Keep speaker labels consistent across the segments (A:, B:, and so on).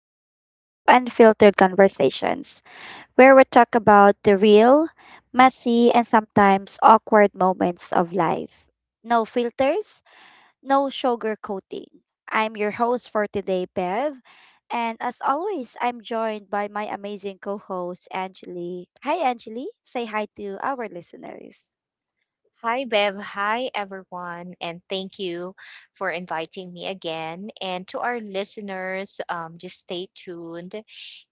A: back to Unfiltered Conversations, where we talk about the real, messy, and sometimes awkward moments of life. No filters, no sugarcoating. I'm your host for today, Bev. And as always, I'm joined by my amazing co host, Angeli. Hi, Angeli. Say hi to our listeners.
B: Hi, Bev. Hi, everyone. And thank you for inviting me again. And to our listeners, just stay tuned.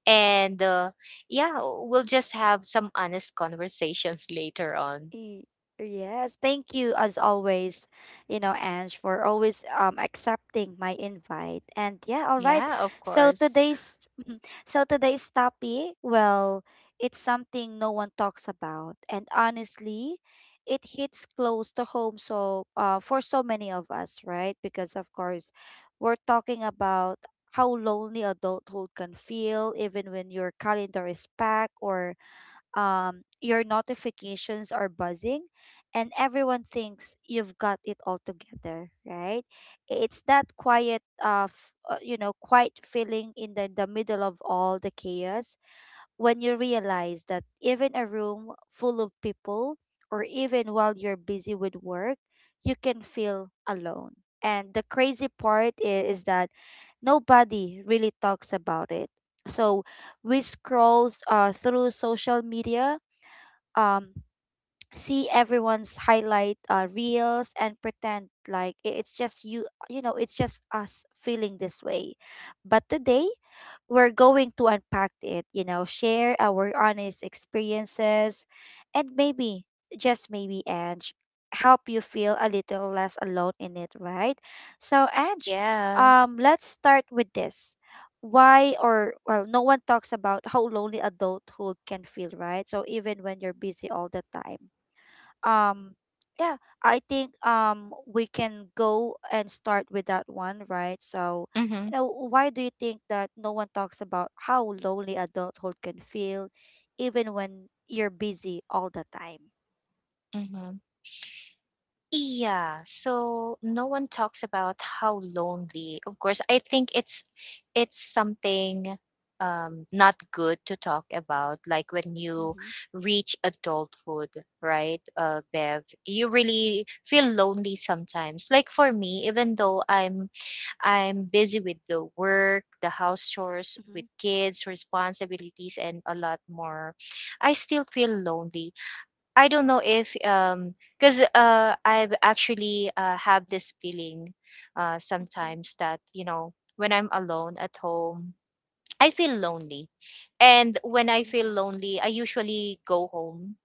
B: And yeah, we'll just have some honest conversations later on.
A: Y- Yes, thank you as always, you know, Ange, for always accepting my invite. And yeah, all right.
B: Yeah, of
A: So
B: course.
A: today's so today's topic, well, it's something no one talks about. And honestly, it hits close to home so for so many of us, right? Because of course, we're talking about how lonely adulthood can feel even when your calendar is packed or your notifications are buzzing, and everyone thinks you've got it all together, right? It's that quiet you know, quiet feeling in the middle of all the chaos when you realize that even a room full of people, or even while you're busy with work, you can feel alone. And the crazy part is that nobody really talks about it. So we scroll through social media, um see everyone's highlight reels, and pretend like it's just you. You know, it's just us feeling this way. But today we're going to unpack it, you know, share our honest experiences, and maybe, just maybe, Ange, help you feel a little less alone in it, right? So, Ange,
B: Yeah.
A: let's start with this. Why or well, no one talks about how lonely adulthood can feel, right? So even when you're busy all the time, um yeah I think we can go and start with that one, right? So
B: Mm-hmm.
A: you know, why do you think that no one talks about how lonely adulthood can feel even when you're busy all the time?
B: Mm-hmm. Yeah, so no one talks about how lonely. Of course, I think it's something, not good to talk about. Like when you
A: Mm-hmm.
B: reach adulthood, right, Bev, you really feel lonely sometimes. Like for me, even though I'm busy with the work, the house chores,
A: Mm-hmm.
B: with kids, responsibilities, and a lot more, I still feel lonely. I don't know if because I've actually have this feeling
A: Mm-hmm.
B: sometimes that you know when I'm alone at home I feel lonely, and when I feel
A: Mm-hmm.
B: lonely I usually go home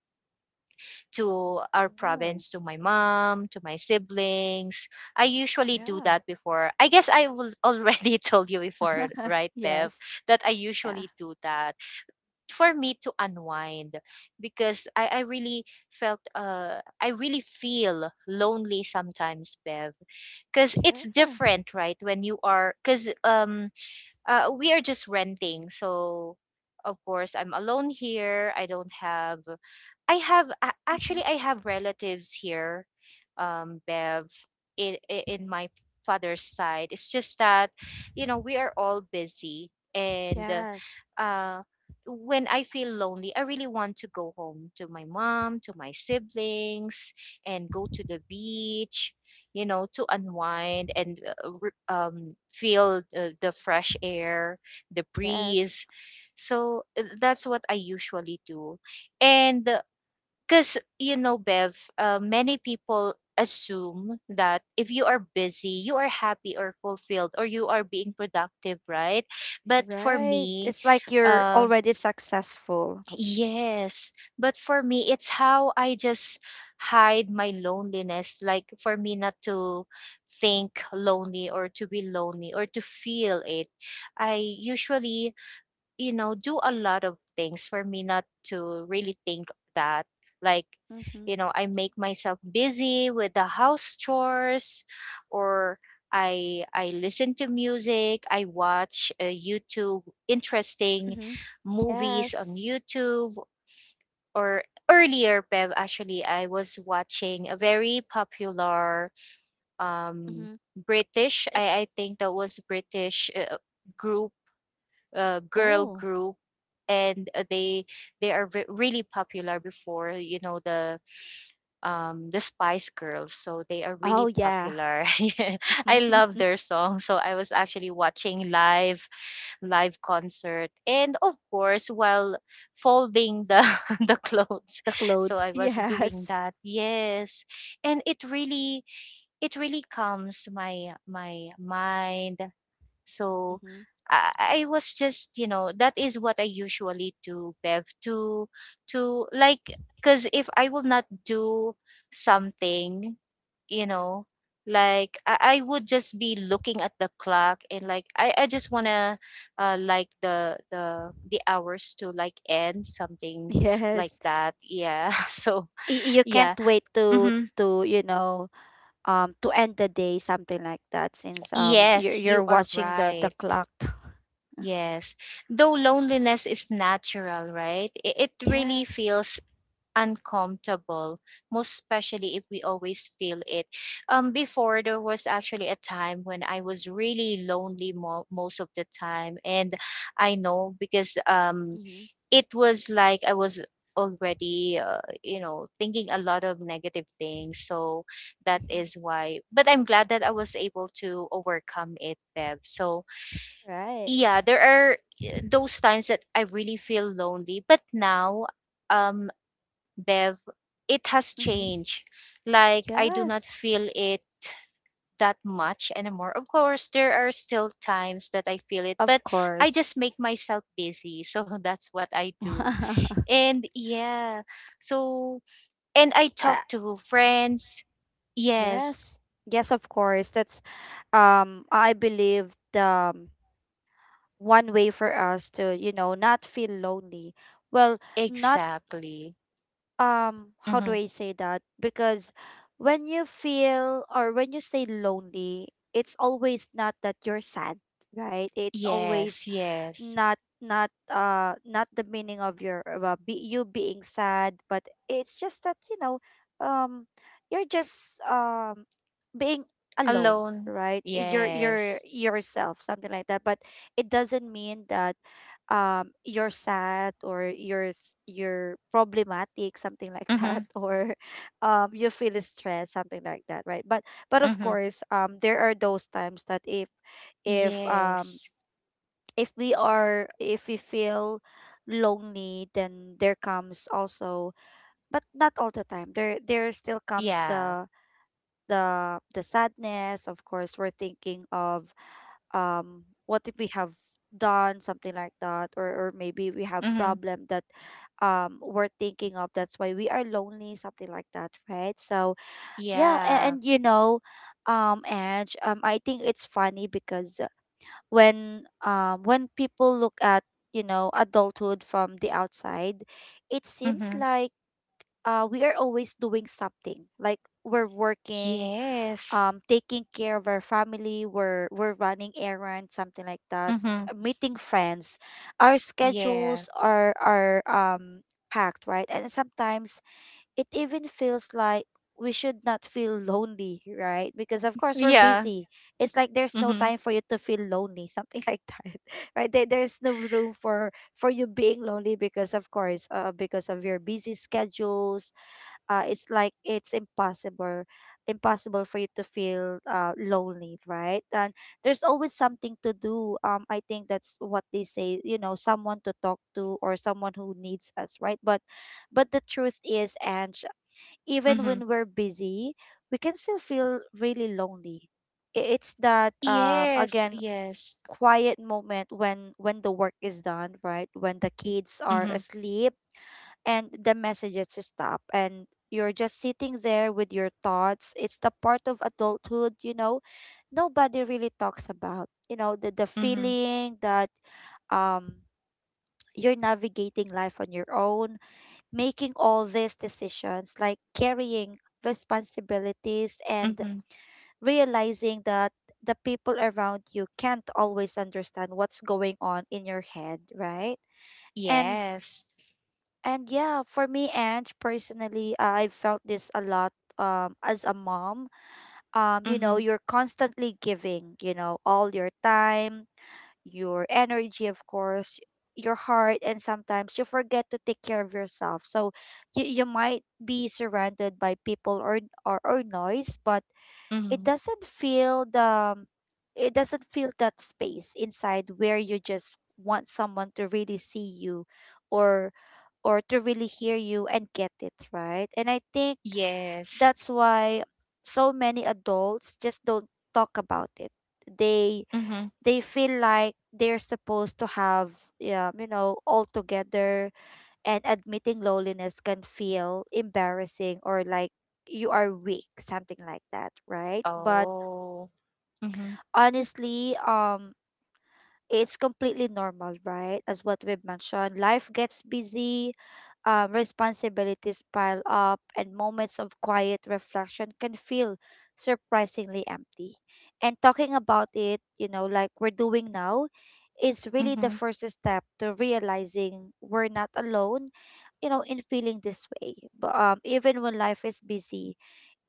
B: to our
A: Oh.
B: province, to my mom, to my siblings. I usually do
A: Yeah.
B: that before. I guess I will already told you before, right, Bev,
A: Yes.
B: that I
A: Yeah.
B: usually do that for me to unwind. Because I really felt. I really feel lonely sometimes, Bev. Cause it's
A: Yeah.
B: different, right? When you are, cause we are just renting, so of course I'm alone here. I don't have, I
A: Mm-hmm.
B: actually I have relatives here, Bev, in my father's side. It's just that, you know, we are all busy, and
A: Yes.
B: uh, when I feel lonely, I really want to go home to my mom, to my siblings, and go to the beach. You know, to unwind and feel the fresh air, the
A: Yes.
B: breeze. So that's what I usually do. And because, you know, Bev, many people assume that if you are busy, you are happy or fulfilled or you are being productive, right? But for
A: Right,
B: me,
A: it's like you're
B: uh,
A: already successful.
B: yes. But for me, it's how I just hide my loneliness. Like for me, not to think lonely or to be lonely or to feel it. I usually, you know, do a lot of things for me not to really think that. Like,
A: Mm-hmm.
B: you know, I make myself busy with the house chores or I listen to music, I watch YouTube, interesting
A: Mm-hmm.
B: movies on
A: Yes.
B: YouTube. Or earlier, Bev, actually I was watching a very popular um
A: Mhm.
B: British,
A: Eh.
B: I think that was British, group, girl
A: Oh.
B: group. And they are really popular before, you know, the Spice Girls. So they are
A: Oh
B: really
A: yeah.
B: popular. Yeah, I love their song, so I was actually watching live concert, and of course while folding the the clothes.
A: The
B: So
A: clothes.
B: I was doing
A: Yes.
B: that, yes. And it really, it really calms my my mind. So
A: Mm-hmm.
B: I was just, you know, that is what I usually do, Bev, to like, because if I will not do something, you know, like I would just be looking at the clock, and like I just wanna like the hours to like end something like
A: Yes.
B: that. Yeah. So
A: You
B: yeah.
A: can't wait to
B: Hmm.
A: to you know, to end the day, something like that, since you're
B: Yes, you are
A: watching the
B: right.
A: clock.
B: Yes. Though loneliness is natural, right? It really
A: Yes.
B: feels uncomfortable, most especially if we always feel it. Before there was actually a time when I was really lonely most of the time, and I know because
A: Mm-hmm.
B: it was like I was already you know, thinking a lot of negative things. So that
A: Mm-hmm.
B: is why. But I'm glad that I was able to overcome it, Bev. So
A: Right.
B: yeah, there are eh, those times that I really feel lonely. But now, um, Bev, it has
A: Mm-hmm.
B: changed. Like I do not
A: Yes.
B: feel it that much anymore. Of course, there are still times that I feel it, but
A: Of
B: I
A: course.
B: just make myself busy. So that's what I do. And yeah, so and I
A: I.
B: talk to friends. Yes,
A: Yes. Yes, of course. That's I believe the one way for us to, you know, not feel lonely. Well, not
B: exactly.
A: How do
B: Hmm.
A: I say that? Because when you feel, or when you say lonely, it's always not that you're sad, right? It's always
B: Yes, yes.
A: not the meaning of you being sad, but it's just that, you know, um you're just being alone,
B: Alone.
A: right? You're
B: Yes.
A: yourself, something like that. But it doesn't mean that you're sad, or you're problematic, something like that,
B: Mm-hmm.
A: or you feel stressed, something like that, right? But of
B: Mhm.
A: course, there are those times that if um
B: Yes.
A: if we feel lonely, then there comes also, but not all the time, there still comes
B: Yeah.
A: the sadness. Of course, we're thinking of what if we have done something like that, or maybe we have
B: Mhm.
A: problem that we're thinking of, that's why we are lonely, something like that, right? So yeah, and,
B: Yeah.
A: and you know, and I think it's funny because when people look at, you know, adulthood from the outside, it seems
B: Mhm.
A: like we are always doing something. Like we're working,
B: Yes.
A: taking care of our family, we're running errands, something like that,
B: Mhm.
A: meeting friends. Our
B: Yeah.
A: schedules are packed, right? And sometimes it even feels like we should not feel lonely, right? Because of course we're
B: Yeah.
A: busy. It's like there's no
B: Mhm.
A: time for you to feel lonely, something like that, right? There's no room for you being lonely, because of course, because of your busy schedules. It's like it's impossible, impossible for you to feel lonely, right? And there's always something to do. I think that's what they say. You know, someone to talk to, or someone who needs us, right? But the truth is, Ange, even
B: Mhm.
A: when we're busy, we can still feel really lonely. It's that
B: Yes.
A: again
B: Yes.
A: quiet moment when the work is done, right? When the kids are
B: Mhm.
A: asleep, and the messages stop, and you're just sitting there with your thoughts. It's the part of adulthood, you know, nobody really talks about. You know, the
B: Mhm.
A: feeling that um you're navigating life on your own, making all these decisions, like carrying responsibilities, and
B: Mhm.
A: realizing that the people around you can't always understand what's going on in your head, right? And
B: Yes.
A: and yeah, for me, and personally, I felt this a lot as a mom. You know,
B: Mhm.
A: you're constantly giving, you know, all your time, your energy, of course, your heart, and sometimes you forget to take care of yourself. So you might be surrounded by people, or, or noise, but it
B: Mhm.
A: doesn't feel the it doesn't feel that space inside, where you just want someone to really see you, or or to really hear you and get it, right? And I think
B: Yes.
A: that's why so many adults just don't talk about it. they
B: Mhm.
A: they feel like they're supposed to have, yeah, you know, all together, and admitting loneliness can feel embarrassing, or like you are weak, something like that, right? But
B: Oh. Mhm.
A: honestly, it's completely normal, right? As what we've mentioned, life gets busy, responsibilities pile up, and moments of quiet reflection can feel surprisingly empty. And talking about it, you know, like we're doing now, is really the
B: Mhm.
A: first step to realizing we're not alone, you know, in feeling this way. But even when life is busy,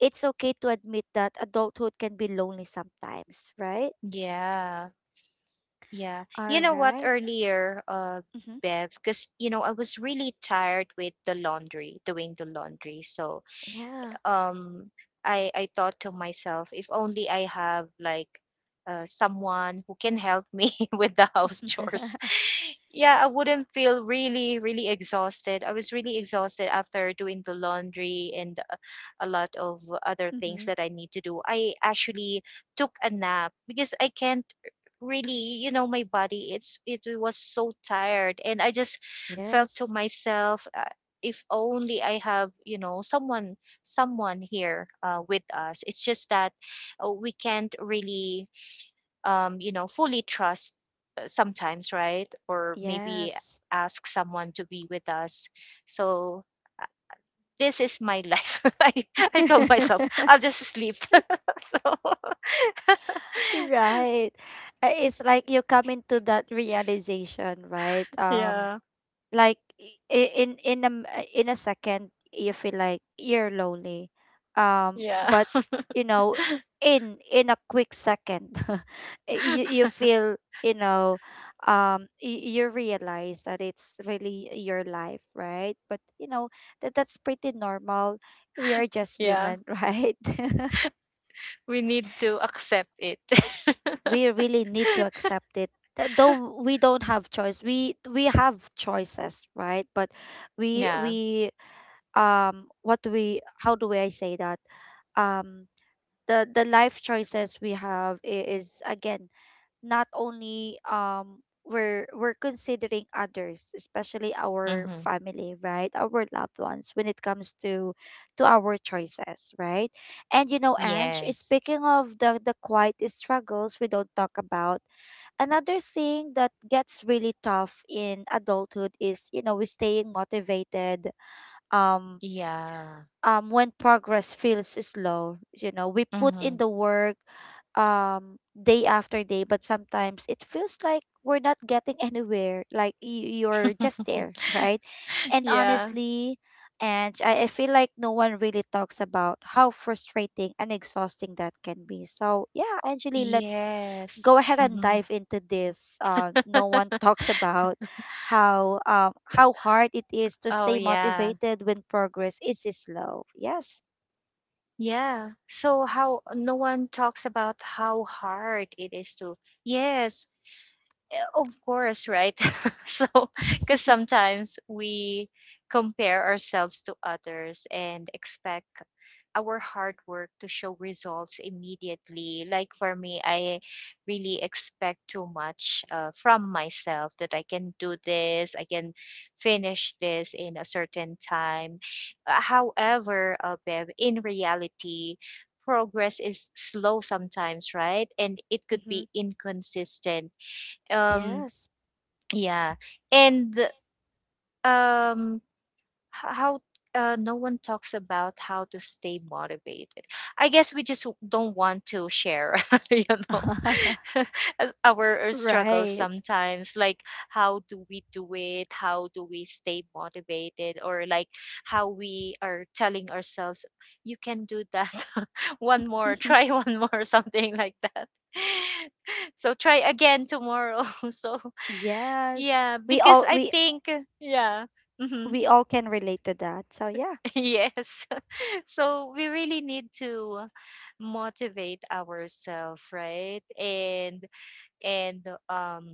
A: it's okay to admit that adulthood can be lonely sometimes, right?
B: Yeah. Yeah. You
A: All
B: know what,
A: right.
B: earlier, uh,
A: Mm-hmm.
B: Bev, because you know I was really tired with the laundry, doing the laundry. So,
A: Yeah.
B: um, I thought to myself, if only I have like someone who can help me with the house chores, yeah, I wouldn't feel really, really exhausted. I was really exhausted after doing the laundry and a lot of other things
A: Hmm.
B: that I need to do. I actually took a nap because I can't really, you know, my body, it was so tired. And I just felt
A: Yes.
B: to myself if only I have, you know, someone, someone here with us. It's just that we can't really you know, fully trust sometimes, right? Or maybe
A: Yes.
B: ask someone to be with us. So this is my life. I told myself, I'll just sleep. So
A: Right. It's like you come into that realization, right?
B: yeah,
A: Like in in a second you feel like you're lonely,
B: yeah,
A: but you know, in a quick second, you feel, you know, you realize that it's really your life, right? But you know, that that's pretty normal. We are just
B: yeah.
A: human, right?
B: We need to accept it.
A: We really need to accept it. Though we don't have choice, we have choices, right? But
B: Yeah.
A: we what do we, how do I say that? Um, the life choices we have, is again not only we're considering others, especially our
B: Mm-hmm.
A: family, right, our loved ones, when it comes to our choices, right? And you know, Ange,
B: Yes.
A: speaking of the quiet struggles we don't talk about, another thing that gets really tough in adulthood is, you know, we staying motivated um
B: Yeah.
A: when progress feels slow. You know, we put in
B: Mm-hmm.
A: the work day after day, but sometimes it feels like we're not getting anywhere, like you're just there. Right? And
B: Yeah.
A: honestly, and I feel like no one really talks about how frustrating and exhausting that can be. So yeah, actually let's
B: Yes.
A: go ahead and
B: Mm-hmm.
A: dive into this. No one talks about how hard it is to
B: Oh,
A: stay
B: yeah.
A: motivated when progress is slow. Yes.
B: Yeah. So how no one talks about how hard it is to. Yes, of course, right? So, because sometimes we compare ourselves to others and expect our hard work to show results immediately. Like for me, I really expect too much from myself that I can do this, I can finish this in a certain time. However, Bev, in reality, progress is slow sometimes, right? And it could
A: Mm-hmm.
B: be inconsistent. Um,
A: Yes.
B: yeah, and um, how, no one talks about how to stay motivated. I guess we just don't want to share, you know, as our struggles
A: Right.
B: sometimes. Like, how do we do it? How do we stay motivated? Or like, how we are telling ourselves, "You can do that. One more, try one more," something like that. So try again tomorrow. So
A: Yes.
B: yeah,
A: We
B: because
A: all
B: I
A: we
B: think yeah. Hmm.
A: we all can relate to that. So yeah.
B: Yes. So we really need to motivate ourselves, right? And um,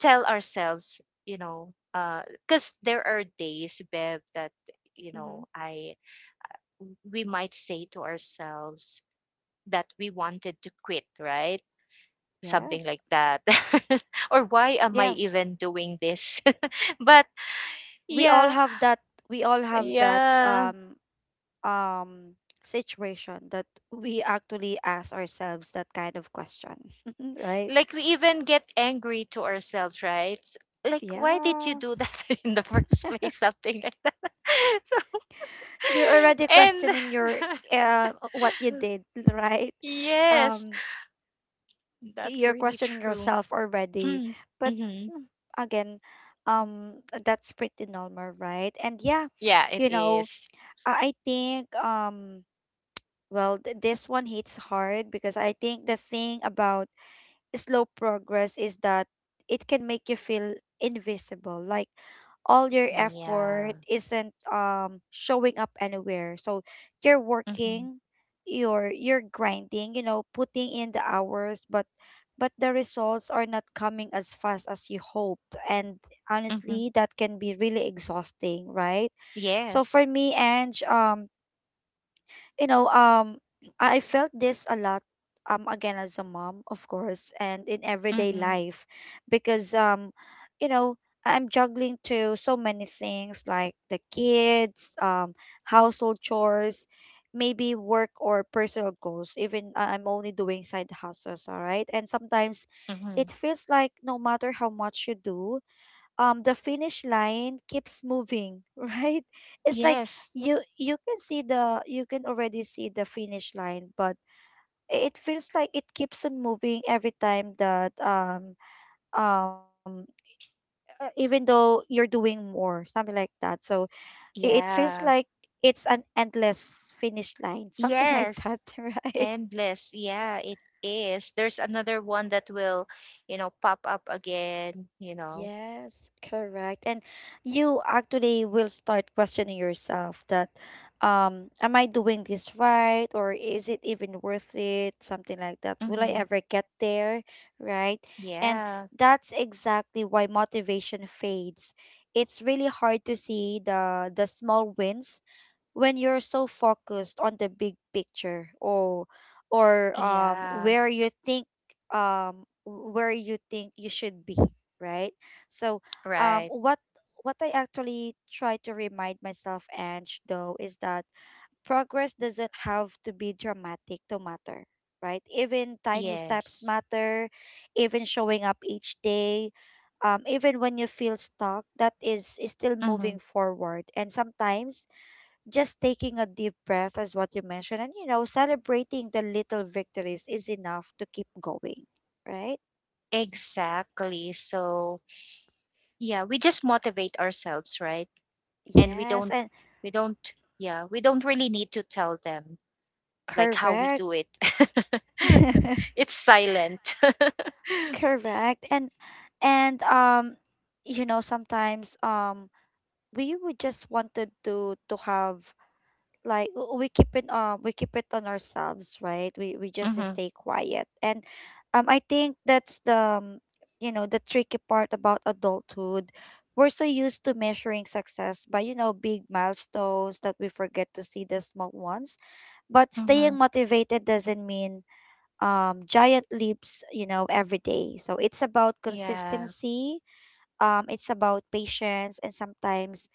B: tell ourselves, you know, uh, because there are days, Bev, that you
A: Mm-hmm.
B: know, I, we might say to ourselves that we wanted to quit, right? Something
A: Yes.
B: like that. Or why am I
A: Yes.
B: even doing this? But
A: We all
B: yeah,
A: have that we all have that
B: yeah.
A: um situation that we actually ask ourselves that kind of question, right?
B: Like we even get angry to ourselves, right? S-, like, why did you
A: Yeah,
B: do that in the first place, something like that. So
A: you're already
B: and
A: questioning your what you did, right?
B: yes,
A: um
B: that's
A: you're
B: really
A: questioning
B: true.
A: yourself already. But
B: Hmm.
A: mm, again, um that's pretty normal, right? And yeah,
B: Yeah, it
A: you know,
B: is.
A: I think this one hits hard because I think the thing about slow progress is that it can make you feel invisible. Like all your
B: Yeah.
A: effort isn't showing up anywhere. So you're
B: Hmm.
A: working, you're grinding, you know, putting in the hours, but the results are not coming as fast as you hoped. And
B: Hmm.
A: honestly, that can be really exhausting, right? So
B: Yes.
A: for me, Ange, you know, um, I felt this a lot, again as a mom, of course, and in everyday
B: Hmm.
A: life, because you know, I'm juggling to so many things like the kids, household chores, maybe work or personal goals. Even I'm only doing side hustles, all right, and sometimes it
B: Hmm.
A: feels like no matter how much you do, the finish line keeps moving. Right? It's like
B: Yes.
A: you can see the, you can already see the finish line, but it feels like it keeps on moving every time that um even though you're doing more, something like that. So it feels
B: Yeah.
A: like it's an endless finish line, something like
B: Yes,
A: that, right?
B: endless. Yeah, it is. There's another one that will, you know, pop up again, you know.
A: Yes, correct. And you actually will start questioning yourself that am I doing this right or is it even worth it? Something like that. Will I
B: Mm-hmm.
A: ever get there, right? And
B: Yeah,
A: that's exactly why motivation fades. It's really hard to see the small wins when you're so focused on the big picture or
B: yeah,
A: where you think you should be, right? So um
B: right.
A: what what I actually try to remind myself, Ange, though, is that progress doesn't have to be dramatic to matter, right? Even tiny steps
B: Yes.
A: matter, even showing up each day, even when you feel stuck, that is still moving
B: Hmm.
A: forward. And sometimes just taking a deep breath is what you mentioned, and you know, celebrating the little victories is enough to keep going, right?
B: Exactly. So, yeah, we just motivate ourselves, right? And
A: Yes, and
B: we don't, yeah, we don't really need to tell them like how we
A: correct.
B: do it. It's silent.
A: Correct. And you know, sometimes we would just wanted to have like we keep it, we keep it on ourselves, right? We just
B: Mm-hmm.
A: stay quiet. And I think that's the you know, the tricky part about adulthood. We're so used to measuring success by, you know, big milestones that we forget to see the small ones. But
B: Mm-hmm.
A: staying motivated doesn't mean giant leaps, you know, every day, so it's about
B: Yeah.
A: consistency. It's about patience, and sometimes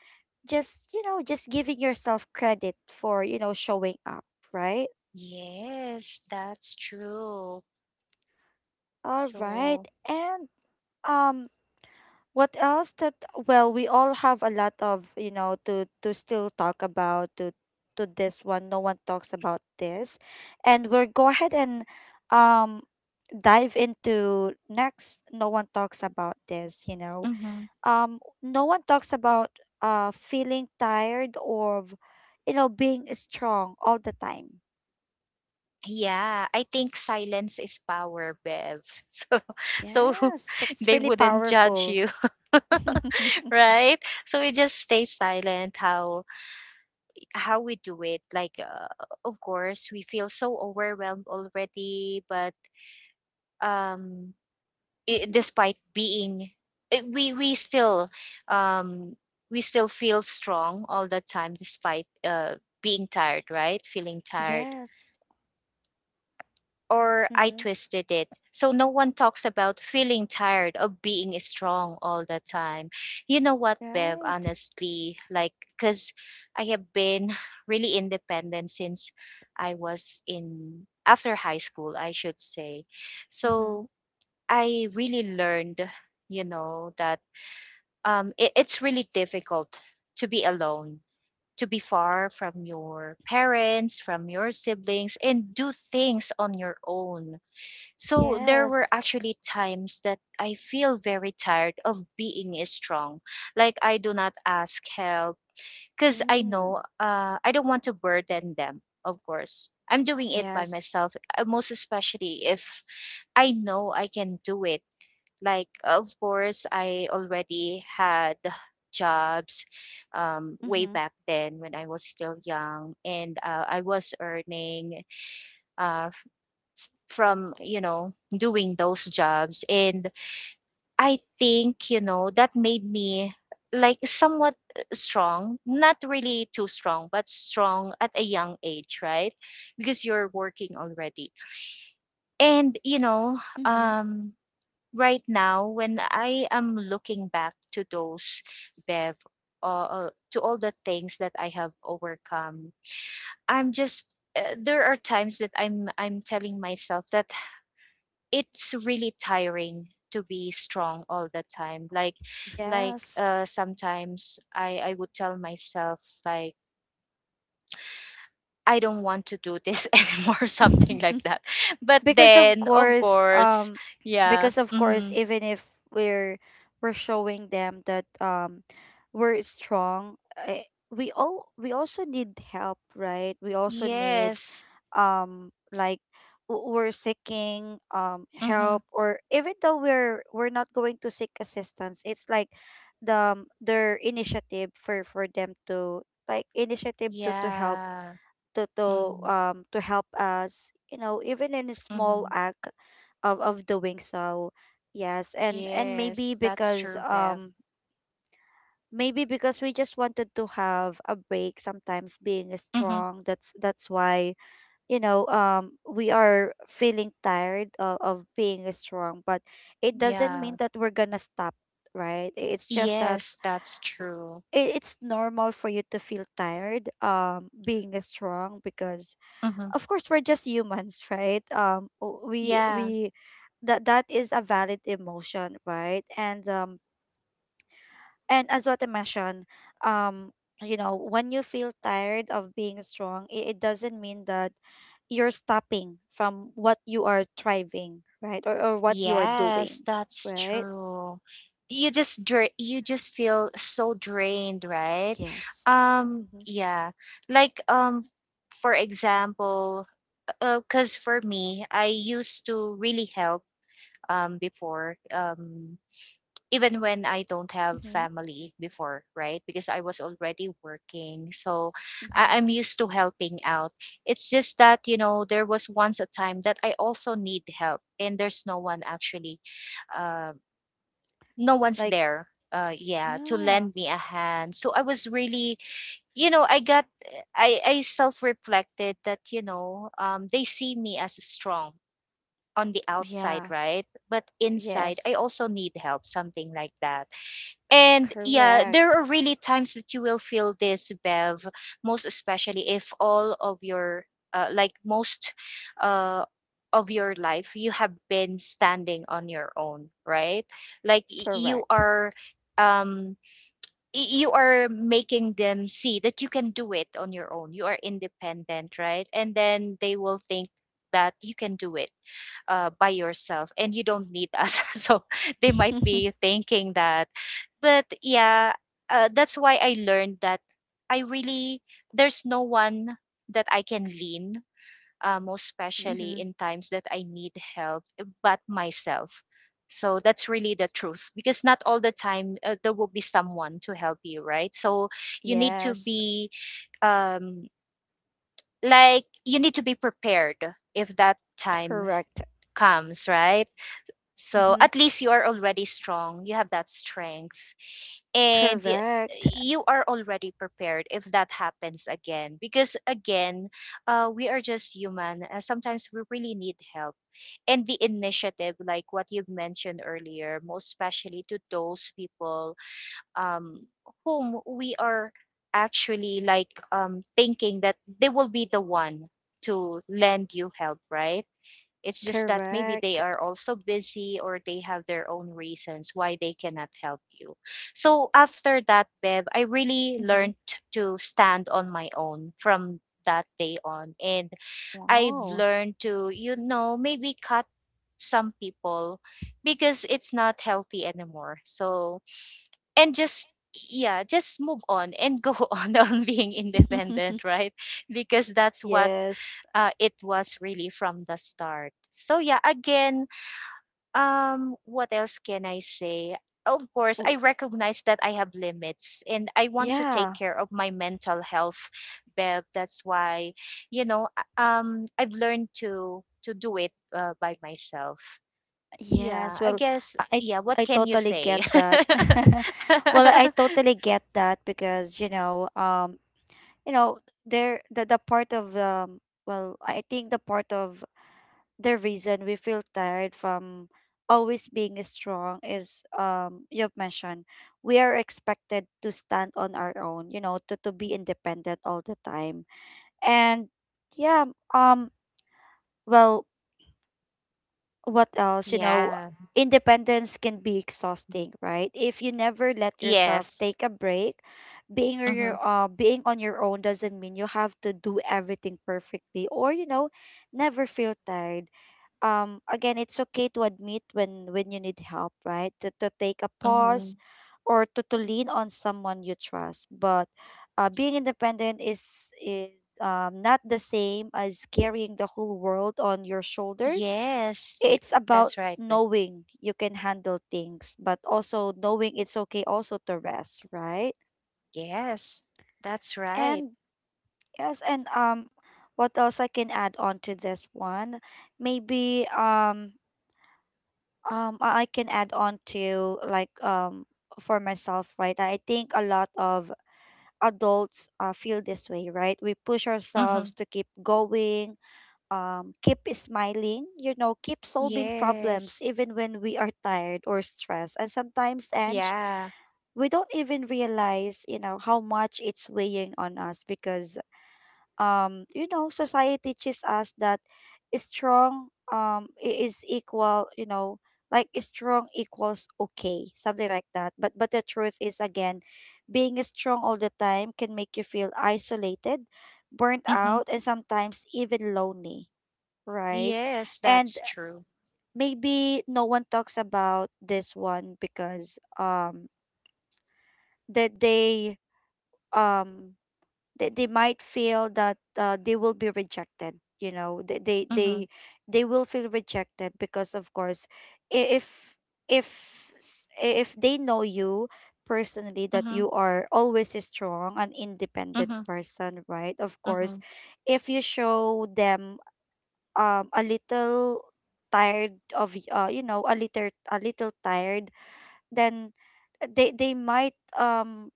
A: just, you know, just giving yourself credit for, you know, showing up, right?
B: Yes, that's true.
A: All right.
B: So,
A: And um what else that, well, we all have a lot of, you know, to still talk about, to this one. No one talks about this, and we'll go ahead and um dive into next. No one talks about this, you know.
B: mm-hmm.
A: No one talks about feeling tired, or you know, being strong all the time.
B: Yeah, I think silence is power, Bev. So, so
A: Yes, that's
B: they
A: really
B: wouldn't judge
A: powerful.
B: you.
A: Hmm.
B: Right, so we just stay silent, how we do it, like of course we feel so overwhelmed already, but um, I despite being eh, we still um, we still feel strong all the time despite uh, being tired, right, feeling tired,
A: Yes.
B: or I
A: Mm-hmm.
B: twisted it. So no one talks about feeling tired of being strong all the time. You know what, Bev,
A: Right.
B: honestly, like, because I have been really independent since I was in, after high school, I should say.
A: Mm-hmm.
B: So I really learned, you know, that it's really difficult to be alone, to be far from your parents, from your siblings, and do things on your own. So there were
A: Yes.
B: actually times that I feel very tired of being strong. Like I do not ask help because I
A: Mm.
B: know I don't want to burden them, of course. I'm doing it by
A: Yes.
B: myself, most especially if I know I can do it. Like, of course, I already had jobs way
A: Mm-hmm.
B: back then when I was still young, and I was earning uh, from you know doing those jobs. And I think, you know, that made me like somewhat strong, not really too strong, but strong at a young age, right? Because you're working already. And you know
A: Mm-hmm.
B: um, right now when I am looking back to those, Bev, to all the things that I have overcome, I'm just there are times that I'm telling myself that it's really tiring to be strong all the time. Like
A: Yes.
B: uh, sometimes I would tell myself, like, I don't want to do this anymore, something like that. But
A: because of
B: then of
A: course
B: course,
A: um
B: yeah.
A: because of course
B: Mm-hmm.
A: even if we're we're showing them that we're strong, eh, we all, we also need help, right? We also need
B: Yes.
A: like we're seeking
B: Mm-hmm.
A: help, or even though we're not going to seek assistance, it's like the their initiative for them to like initiative to help,
B: Yeah.
A: to
B: Mm-hmm.
A: to help us, you know, even in a small
B: Mm-hmm.
A: act of doing so. Yes, and
B: Yes,
A: maybe
B: that's
A: because
B: true, Bev.
A: we just wanted to have a break sometimes being
B: Mm-hmm.
A: strong, that's why, you know, we are feeling tired of being strong, but it doesn't
B: Yeah.
A: mean that we're gonna stop, right? It's just that
B: Yes, that's true.
A: it, it's normal for you to feel tired being strong, because
B: Mm-hmm.
A: of course we're just humans, right? um o- we
B: Yeah.
A: we that that is a valid emotion, right? And as what I mentioned, um you know, when you feel tired of being strong, it doesn't mean that you're stopping from what you are thriving, right? Or what you are
B: Yes,
A: doing,
B: that's
A: right?
B: true. You just you just feel so drained, right?
A: Yes. Mm-hmm.
B: Yeah. Like um, for example, cause for me, I used to really help before. Even when I don't have
A: Mm-hmm.
B: family before, right? Because I was already working. So
A: Mm-hmm.
B: I'm used to helping out. It's just that, there was once a time that I also need help and there's no one actually, uh, no one's
A: Like,
B: there. Yeah, to
A: yeah.
B: lend me a hand. So I was really, I got, I self reflected that, they see me as strong on the outside,
A: Yeah.
B: right? But inside, I
A: Yes.
B: also need help, something like that. And yeah, there
A: Correct.
B: are really times that you will feel this, Bev, most especially if all of your, like most uh, of your life, you have been standing on your own, right? Like you
A: Correct.
B: are. Um, you are making them see that you can do it on your own. You are independent, right? And then they will think that you can do it by yourself and you don't need us. So they might be thinking that but yeah, that's why I learned that I really there's no one that I can lean, most especially
A: Mm-hmm.
B: in times that I need help, but myself. So that's really the truth because not all the time there will be someone to help you, right? So you need to
A: Yes,
B: be um, like you need to be prepared if that time
A: correct.
B: comes, right? So
A: Mm-hmm.
B: at least you are already strong. You have that strength and
A: Correct.
B: you are already prepared if that happens again because again we are just human sometimes we really need help, and the initiative like what you've mentioned earlier, most especially to those people um, whom we are actually like thinking that they will be the one to lend you help, right? It's just that maybe they
A: Correct.
B: are also busy or they have their own reasons why they cannot help you. So after that, Bev, I really learned
A: Mm-hmm.
B: to stand on my own from that day on. And I've
A: Wow.
B: learned to, you know, maybe cut some people because it's not healthy anymore. So, and just, yeah, just move on and go on being independent, right? Because that's what
A: Yes.
B: it was really from the start. So yeah, again, what else can I say? Of course,
A: W-
B: I recognize that I have limits and I want to take
A: Yeah.
B: care of my mental health, Bev. That's why, you know, I've learned to do it by myself.
A: Yes.
B: Yeah, I
A: Well,
B: guess.
A: I
B: Yeah, what
A: I
B: can you
A: totally get
B: say?
A: that. Well, I totally get that because, you know, you know, there the part of, well, I think the part of the reason we feel tired from always being strong is, you've mentioned, we are expected to stand on our own, you know, to be independent all the time. And yeah. Um well what else, you know,
B: Yeah.
A: independence can be exhausting, right, if you never let yourself
B: Yes.
A: take a break? Being on
B: Mm-hmm.
A: your uh being on your own doesn't mean you have to do everything perfectly or, you know, never feel tired. Again, it's okay to admit when you need help, right? To take a
B: Mm-hmm.
A: pause, or to lean on someone you trust. But being independent is not the same as carrying the whole world on your shoulder.
B: Yes.
A: It's about
B: That's right, Bev.
A: knowing you can handle things but also knowing it's okay also to rest, right?
B: Yes, that's right.
A: And yes, and what else I can add on to this one, maybe, I can add on to like, for myself, right? I think a lot of adults feel this way, right? We push
B: Mm-hmm.
A: ourselves to keep going, keep smiling, you know, keep solving problems
B: Yes.
A: even when we are tired or stressed. And sometimes, Ange,
B: Yeah.
A: we don't even realize, you know, how much it's weighing on us, because you know, society teaches us that strong, is equal, you know, like strong equals okay, something like that. But the truth is, again, being strong all the time can make you feel isolated, burnt
B: Mm-hmm.
A: out, and sometimes even lonely, right?
B: Yes,
A: And
B: that's true.
A: maybe no one talks about this one because that they um they might feel that they will be rejected, you know, they
B: Mm-hmm.
A: they will feel rejected because of course, i- if if if they know you personally that
B: Mm-hmm.
A: you are always a strong and independent
B: Mm-hmm.
A: person, right? Of course,
B: Mm-hmm.
A: if you show them a little tired of you know, a little, a little tired, then they might um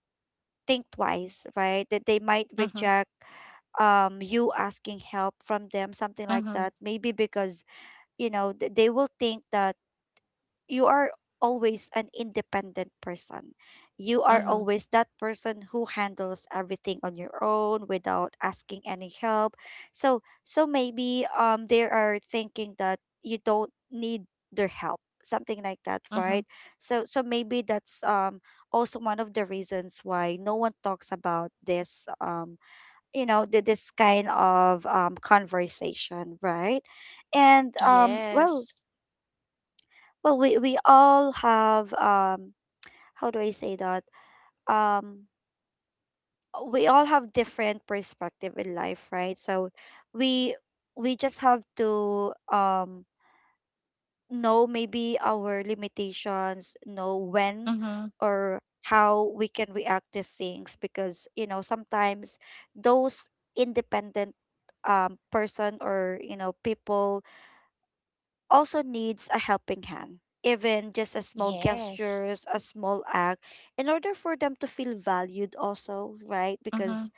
A: think twice, right? That they might
B: Mm-hmm.
A: reject you asking help from them, something like
B: Mm-hmm.
A: that. Maybe because, you know, they will think that you are always an independent person. You are
B: Mm-hmm.
A: always that person who handles everything on your own without asking any help. So, so maybe they are thinking that you don't need their help, something like that,
B: Mm-hmm.
A: right? So, so maybe that's also one of the reasons why no one talks about this, you know, this kind of conversation, right? And
B: Yes.
A: well, we all have, how do I say that, um we all have different perspective in life, right? So we we just have to, know maybe our limitations, know when
B: Mm-hmm.
A: or how we can react to things, because, you know, sometimes those independent person, or you know, people also needs a helping hand, even just a small
B: Yes.
A: gestures, a small act, in order for them to feel valued also, right?
B: Mm-hmm.
A: Because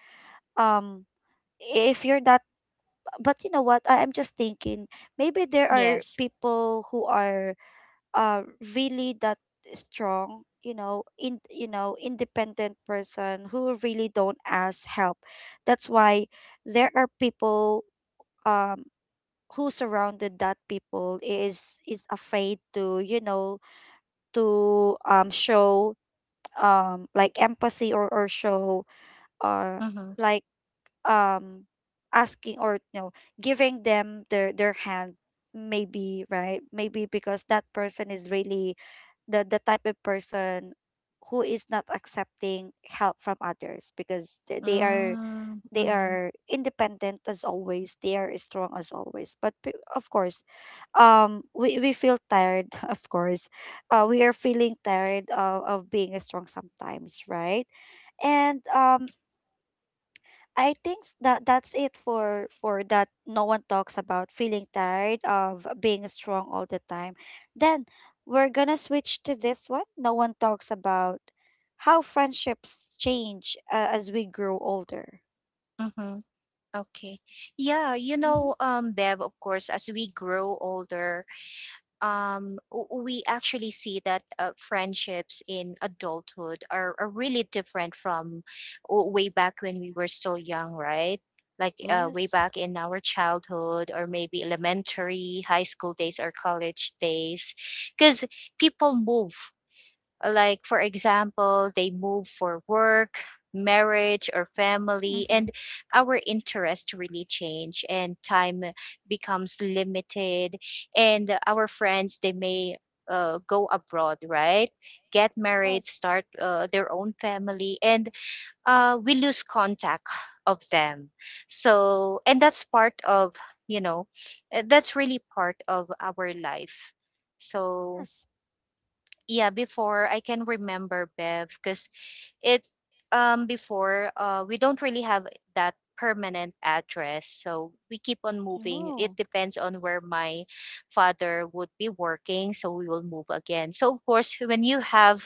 A: um if you're that, but you know what, I am just thinking maybe there are
B: Yes.
A: people who are uh really that strong, you know, in, you know, independent person who really don't ask help. That's why there are people um who surrounded that people is afraid to, you know, to show like empathy, or show, or
B: Mm-hmm.
A: like um asking, or you know, giving them their hand, maybe, right? Maybe because that person is really the type of person who is not accepting help from others because they are they
B: Mm-hmm.
A: are independent as always. They are strong as always. But p- of course, we feel tired, of course. We are feeling tired of being strong sometimes, right? And I think that that's it for that, no one talks about feeling tired of being strong all the time. Then we're gonna switch to this one. No one talks about how friendships change as we grow older.
B: Mm-hmm. Okay. Yeah, you
A: Hmm.
B: know, Bev, of course, as we grow older, we actually see that friendships in adulthood are really different from way back when we were still young, right? Like way
A: Yes.
B: back in our childhood, or maybe elementary, high school days, or college days, because people move, like for example they move for work, marriage or family,
A: Mm-hmm.
B: and our interests really change and time becomes limited, and our friends they may go abroad, right, get married,
A: Yes,
B: start their own family, and we lose contact of them. So and that's part of, you know, that's really part of our life. So
A: yes.
B: yeah, before I can remember, Bev, because it before we don't really have that permanent address, so we keep on moving. It
A: Oh,
B: depends on where my father would be working, so we will move again. So of course, when you have,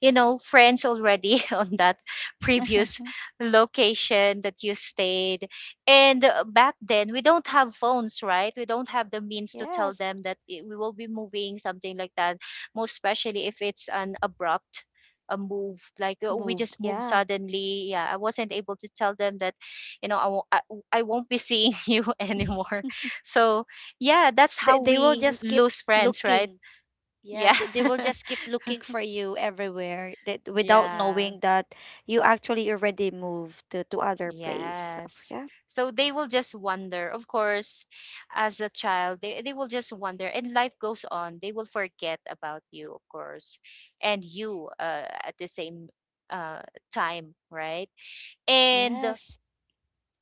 B: you know, friends already on that previous location that you stayed, and back then we don't have phones, right? We don't have the means to tell
A: yes.
B: them that we will be moving, something like that. Most especially if it's an abrupt a move, like we
A: Moved.
B: just moved
A: Yeah.
B: suddenly. Yeah, I wasn't able to tell them that, you know, I won't, I won't be seeing you anymore. So yeah, that's
A: they,
B: how
A: they will
B: we
A: just keep
B: lose friends,
A: looking.
B: right?
A: Yeah,
B: Yeah.
A: they will just keep looking for you everywhere that without
B: Yeah.
A: knowing that you actually already moved to other place. So,
B: Yes.
A: yeah.
B: So they will just wonder, of course, as a child they will just wonder, and life goes on, they will forget about you, of course, and you at the same uh, time, right? And
A: Yes.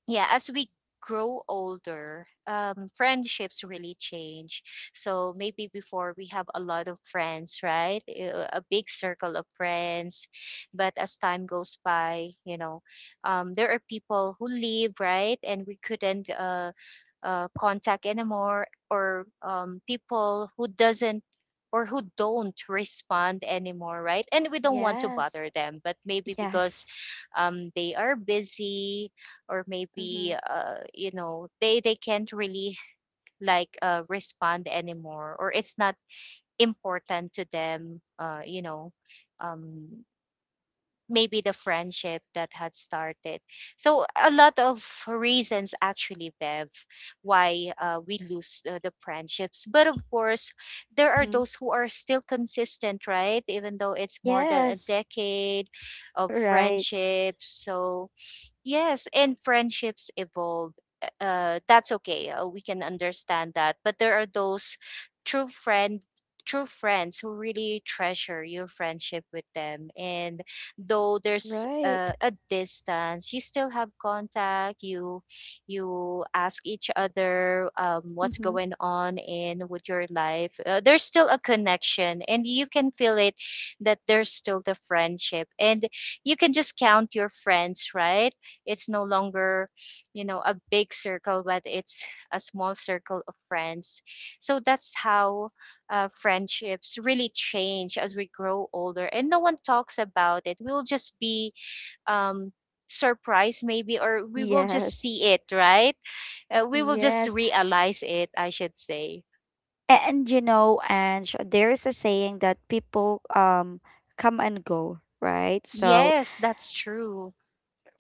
B: yeah, as we grow older, friendships really change. So maybe before we have a lot of friends, right? A big circle of friends, but as time goes by, you know, there are people who leave, right, and we couldn't contact anymore, or people who doesn't or who don't respond anymore, right, and we don't want to
A: Yes.
B: bother them, but maybe because
A: Yes.
B: they are busy, or
A: Mm-hmm.
B: maybe you know, they can't really like respond anymore, or it's not important to them, um, maybe the friendship that had started. So a lot of reasons, actually, Bev, why we lose the friendships. But of course, there are
A: Mm-hmm.
B: those who are still consistent, right, even though it's more than a
A: Yes.
B: decade of
A: Right.
B: friendship. So yes, and friendships evolve. That's okay. We can understand that. But there are those true friend, true friends who really treasure your friendship with them. And though there's
A: Right.
B: a distance, you still have contact. You ask each other what's
A: Mm-hmm.
B: going on in with your life. There's still a connection, and you can feel it that there's still the friendship. And you can just count your friends, right? It's no longer, you know, a big circle, but it's a small circle of friends. So that's how friendships really change as we grow older, and no one talks about it. We'll just be um, surprised maybe, or we will just
A: Yes.
B: see it, right? Uh, we will just
A: Yes.
B: realize it, I should say.
A: And you know, and there is a saying that people come and go, right? So,
B: Yes, that's true.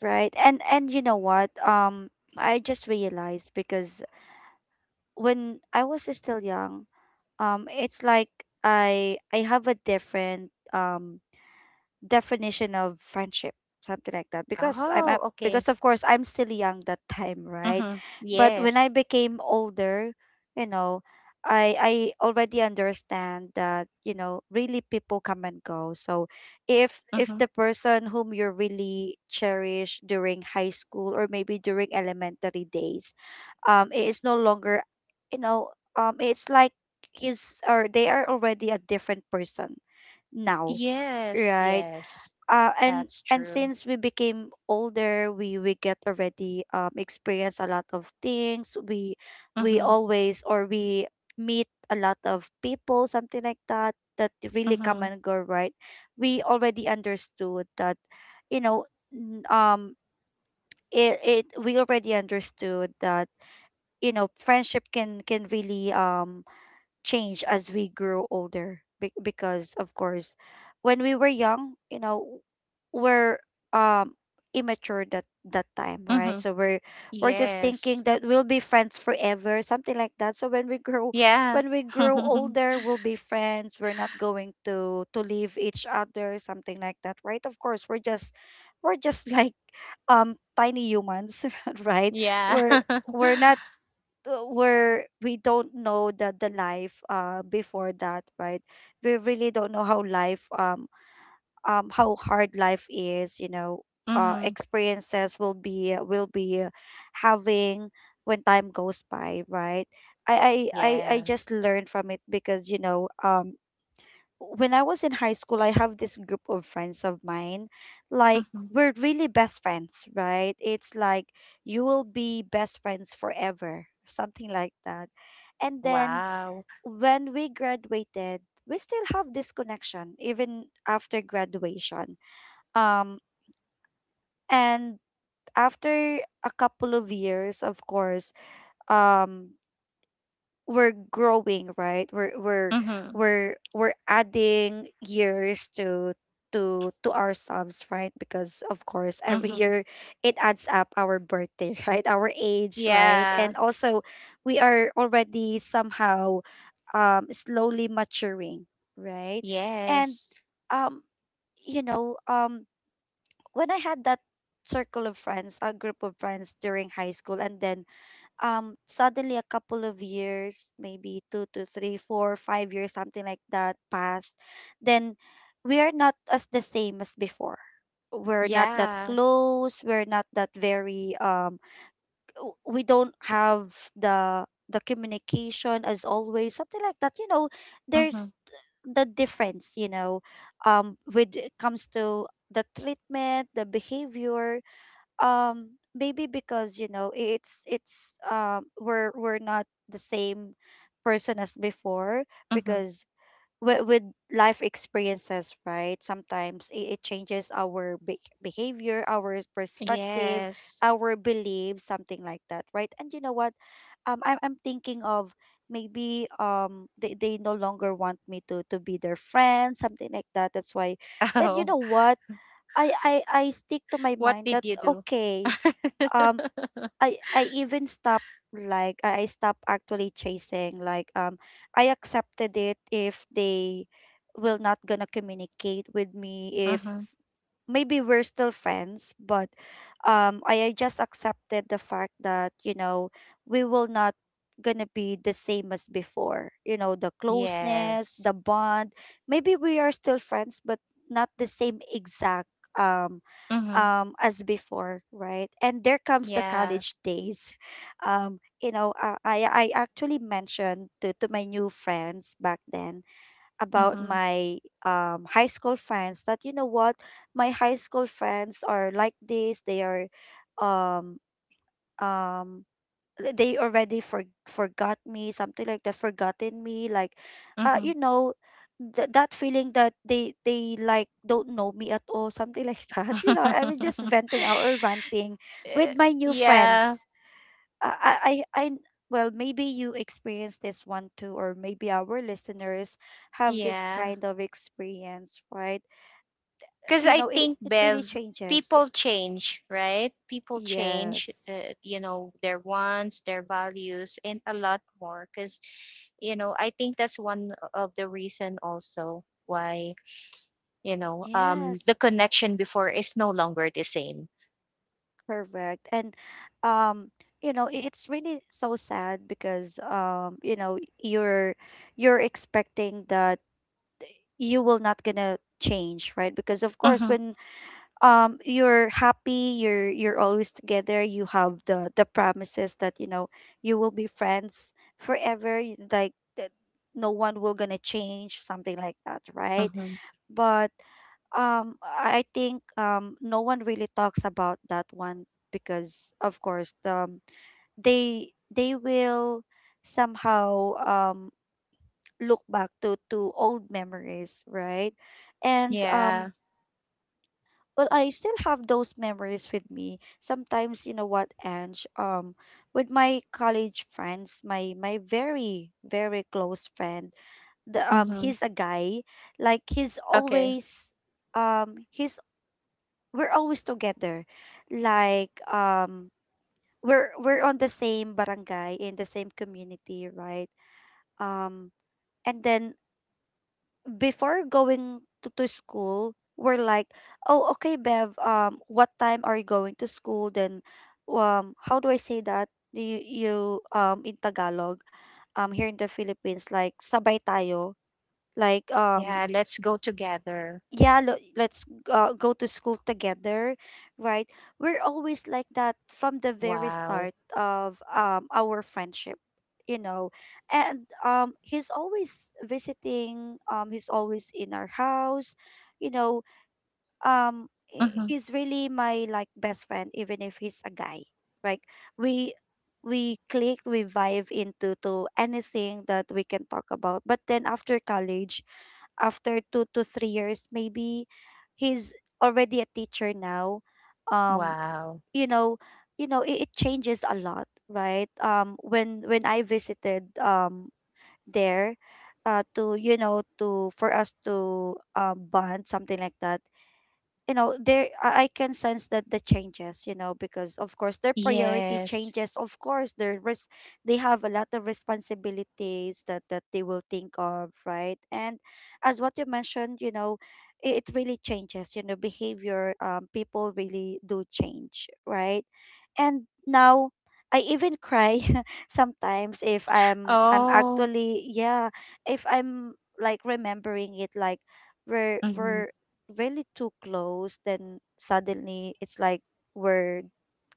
A: right. And you know what? I just realized because when I was still young, it's like I have a different definition of friendship, something like that, because
B: Oh, okay.
A: because of course I'm still young that time, right?
B: Mm-hmm.
A: But when I
B: Yes.
A: became older, you know I already understand that, you know, really people come and go. So if
B: Mm-hmm.
A: the person whom you really cherish during high school or maybe during elementary days, it is no longer, you know it's like he's or they are already a different person now,
B: Yes.
A: right?
B: Yes,
A: uh, and
B: that's
A: and
B: true.
A: since we became older, we get already experience a lot of things. We
B: Mm-hmm.
A: always, or we meet a lot of people, something like that, that really come
B: Mm-hmm.
A: and go, right? We already understood that, you know n- um it, it we already understood that, you know, friendship can really change as we grow older. Because of course when we were young, you know, we're um immature that that time, right?
B: Mm-hmm.
A: So we're just
B: Yes.
A: thinking that we'll be friends forever, something like that. So
B: Yeah.
A: when we grow older, we'll be friends, we're not going to leave each other, something like that, right? Of course, we're just like tiny humans, right?
B: Yeah.
A: we're we're not we don't know the life before that, right? We really don't know how life how hard life is, you know.
B: Mm-hmm.
A: Experiences will be having when time goes by, right? I
B: Yeah.
A: just learned from it because, when I was in high school, I have this group of friends of mine. Like,
B: Mm-hmm.
A: we're really best friends, right? It's like you will be best friends forever, something like that. And then
B: Wow.
A: when we graduated, we still have this connection even after graduation. Um, and After a couple of years, of course, um, we're growing, right? we're we're
B: Mm-hmm.
A: we're we're adding years to ourselves, right? Because of course, every
B: Mm-hmm.
A: year it adds up our birthday, right? Our age, right?
B: Yeah.
A: And also, we are already somehow slowly maturing, right? and
B: Yes.
A: um you know When I had that circle of friends, a group of friends, during high school, and then suddenly a couple of years, maybe 2 to 3, 4, 5 years, something like that, passed, then we are not as the same as before. We're not that
B: Yeah.
A: close, we're not that very we don't have the communication as always, something like that, you know.
B: Mm-hmm.
A: There's the difference, you know, with it comes to the treatment, the behavior, maybe because, you know, it's we're not the same person as before.
B: Mm-hmm.
A: Because with life experiences, right? Sometimes it changes our behavior, our perspective,
B: Yes.
A: our beliefs, something like that, right? And you know what? I'm thinking of maybe they no longer want me to be their friend, something like that. That's why. Then you
B: Oh,
A: know what? I stick to my
B: what
A: mind
B: did
A: that
B: you do?
A: okay, um I even stopped. Like, I stopped actually chasing, like, I accepted it if they will not gonna communicate with me. If
B: Mm-hmm.
A: maybe we're still friends, but I just accepted the fact that, you know, we will not gonna be the same as before. You know, the closeness,
B: Yes.
A: the bond. Maybe we are still friends, but not the same exact um
B: Mm-hmm.
A: as before, right? And there comes the
B: Yeah.
A: college days. I actually mentioned to my new friends back then about
B: Mm-hmm.
A: my high school friends that, you know what, my high school friends are like this. They are um um they already forgot me, something like they forgotten me, like uh
B: Mm-hmm.
A: you know that feeling that they like don't know me at all, something like that. You know, I was just venting out or ranting with
B: Eh,
A: my new
B: yeah.
A: friends. I, I, I, I- well, maybe you experienced this one too, or maybe our listeners have this
B: Yeah.
A: kind of experience, right?
B: Because
A: You
B: I
A: know, it,
B: think,
A: it really
B: Bev,
A: changes.
B: people change, right? People change,
A: Yes.
B: their wants, their values, and a lot more. Because, you know, I think that's one of the reason also why, the
A: Yes.
B: connection before is no longer the same.
A: Correct. And, um, you know, it's really so sad because, you know, you're expecting that you will not gonna change, right? Because of course,
B: Mm-hmm,
A: when you're happy, you're always together, you have the promises that, you know, you will be friends forever, like that, no one will gonna change, something like that, right?
B: mm-hmm.
A: But I think no one really talks about that one because of course, they they will somehow look back to old memories, right? And
B: Yeah.
A: well, I still have those memories with me. Sometimes, you know what, Ange, with my college friends, my very, very close friend, the
B: Mm-hmm.
A: he's a guy. Like,
B: Okay.
A: he's, we're always together. Like, we're on the same barangay, in the same community, right? Um and then, before going to school, we're like, oh, okay, Bev, what time are you going to school? Then, how do I say that? You, in Tagalog, here in the Philippines, like, sabay tayo. Like,
B: Yeah, let's go together.
A: let's go to school together, right? We're always like that from the very
B: Wow.
A: start of our friendship, you know. And he's always visiting, he's always in our house, you know.
B: Mm-hmm.
A: He's really my, like, best friend even if he's a guy, right? we we click, we vibe into to anything that we can talk about. But then after college, after 2 to 3 years, maybe he's already a teacher now. Um,
B: Wow.
A: you know, it changes a lot, right? When I visited there, to, you know, to for us to bond, something like that, you know, there I can sense that the changes, you know. Because of course, their priority
B: Yes.
A: changes. Of course, they have a lot of responsibilities that they will think of, right? And as what you mentioned, you know, it really changes, you know, behavior. People really do change, right? And now I even cry sometimes if I'm
B: Oh.
A: actually, yeah, if I'm like remembering it, like we're
B: Mm-hmm.
A: we're really too close, then suddenly it's like we're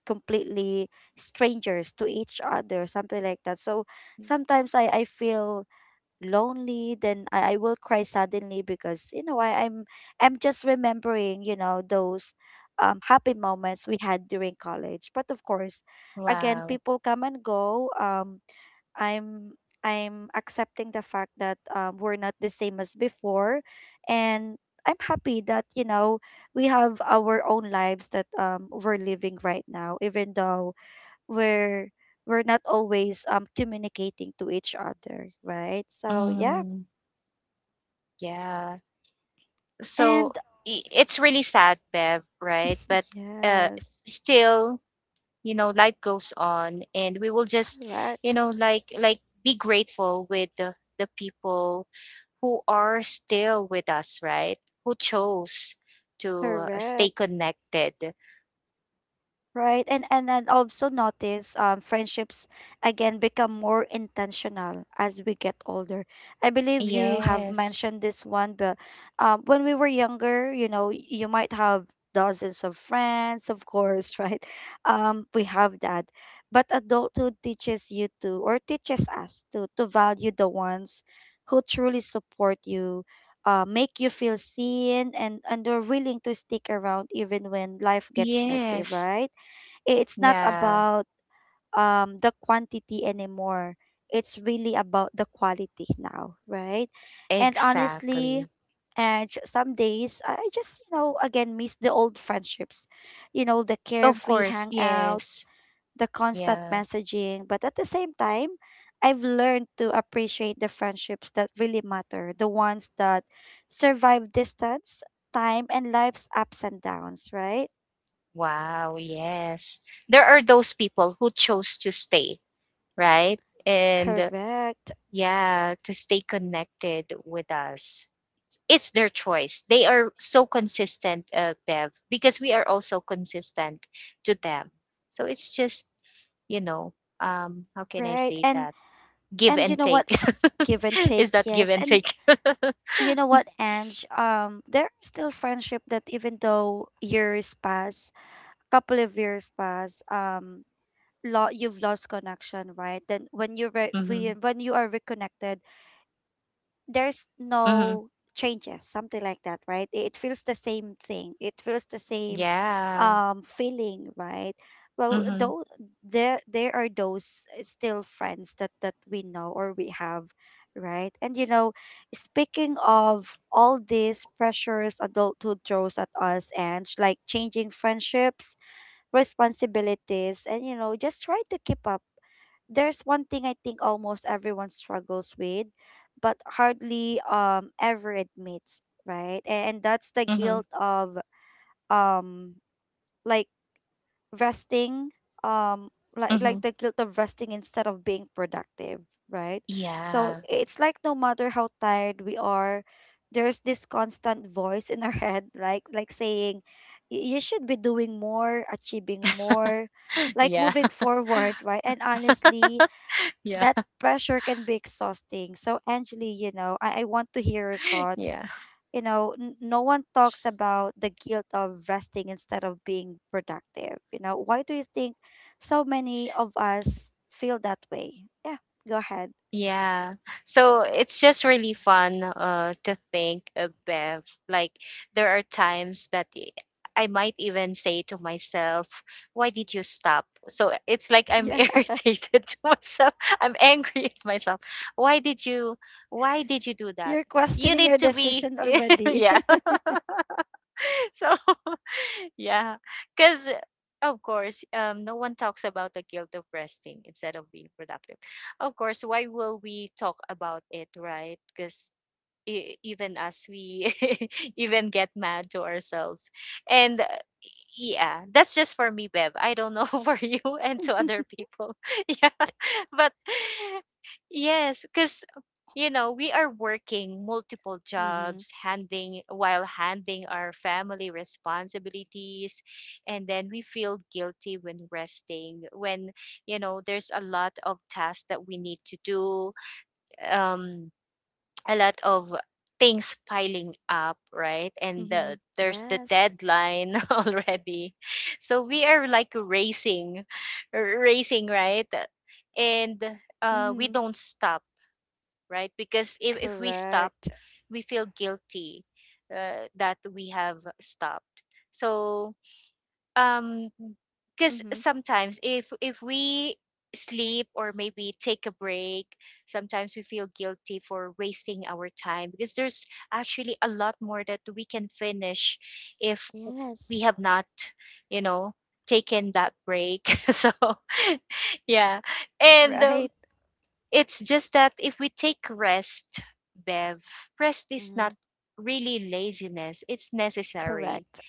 A: completely strangers to each other, something like that. So sometimes I feel lonely, then I will cry suddenly because, you know, I'm just remembering, you know, those happy moments we had during college. But of course, again,
B: Wow.
A: people come and go. I'm I'm accepting the fact that, we're not the same as before, and I'm happy that, you know, we have our own lives that, we're living right now, even though we're we're not always communicating to each other, right? So yeah.
B: Mm. Yeah. So
A: And
B: it's really sad, Bev, right? But uh,
A: yes,
B: still, you know, life goes on, and we will just, you
A: correct,
B: know, like be grateful with the people who are still with us, right? Who chose to stay
A: correct.
B: connected.
A: Right. And also notice friendships again become more intentional as we get older. I believe you have
B: Yes.
A: mentioned this one, but when we were younger, you know, you might have dozens of friends, of course, right? We have that. But adulthood teaches you to, or teaches us, to value the ones who truly support you, make you feel seen, and are willing to stick around even when life gets messy,
B: Yes.
A: right? It's not
B: Yeah.
A: about the quantity anymore. It's really about the quality now, right? And honestly,
B: Exactly.
A: and some days I just, you know, again miss the old friendships. You know, the
B: Of
A: carefree
B: course.
A: hangouts,
B: Yes.
A: the constant
B: Yeah.
A: messaging, but at the same time, I've learned to appreciate the friendships that really matter, the ones that survive distance, time, and life's ups and downs, right?
B: Wow, yes. There are those people who chose to stay, right? And
A: Correct,
B: yeah, to stay connected with us. It's their choice. They are so consistent, Bev, because we are also consistent to them. So it's just, you know, how can I
A: right?
B: say
A: And
B: that? Give
A: and you
B: and
A: know
B: take.
A: what, give and take,
B: Is that give
A: yes.
B: and
A: And
B: take?
A: you know what, Ange, there are still friendship that even though years pass, a couple of years pass, you've lost connection, right? Then when you
B: Mm-hmm.
A: when you are reconnected, there's
B: Mm-hmm.
A: no changes, something like that, right? It feels the same thing. It feels the same
B: Yeah.
A: feeling, right? Well,
B: Mm-hmm.
A: though there are those still friends that we know or we have, right? And you know, speaking of all these pressures adulthood throws at us, and like changing friendships, responsibilities, and, you know, just try to keep up, there's one thing I think almost everyone struggles with, but hardly ever admits, right? And that's the
B: Mm-hmm.
A: guilt of um like resting, um like
B: Mm-hmm.
A: like the guilt of resting instead of being productive, right? So
B: Yeah.
A: it's like no matter how tired we are, there's this constant voice in our head, right? Like saying, you should be doing more, achieving more, like
B: Yeah.
A: moving forward, right? And honestly,
B: Yeah.
A: that pressure can be exhausting. So, Angeli, you know, I want to hear your thoughts.
B: Yeah.
A: You know, no one talks about the guilt of resting instead of being productive. You know, why do you think so many of us feel that way? Yeah, go ahead.
B: Yeah. So it's just really fun to think of, Bev. Like there are times that I might even say to myself, "Why did you stop?" So it's like I'm
A: Yeah,
B: irritated to myself. I'm angry at myself. Why did you? Why did you do that?
A: you're
B: You
A: questioning
B: need
A: your
B: to be.
A: decision already.
B: Yeah. So yeah, because of course, no one talks about the guilt of resting instead of being productive. Of course, why will we talk about it, right? Because even us, we even get mad to ourselves. And yeah, that's just for me, Bev. I don't know for you and to other people. Yeah. But yes, because you know we are working multiple
A: Mm-hmm.
B: jobs, handling while handling our family responsibilities, and then we feel guilty when resting. When you know there's a lot of tasks that we need to do. Um, a lot of things piling up, right? And
A: Mm-hmm.
B: there's the
A: Yes.
B: deadline already. So we are like racing, racing, right? And we
A: Mm-hmm.
B: don't stop, right? Because if we stop,
A: Correct.
B: we feel guilty that we have stopped. So um because
A: Mm-hmm.
B: sometimes if we sleep or maybe take a break, sometimes we feel guilty for wasting our time because there's actually a lot more that we can finish if we
A: Yes.
B: have not, you know, taken that break. So yeah, and
A: Right.
B: it's just that if we take rest, Bev, rest is not
A: Mm-hmm.
B: really laziness, it's necessary.
A: Correct.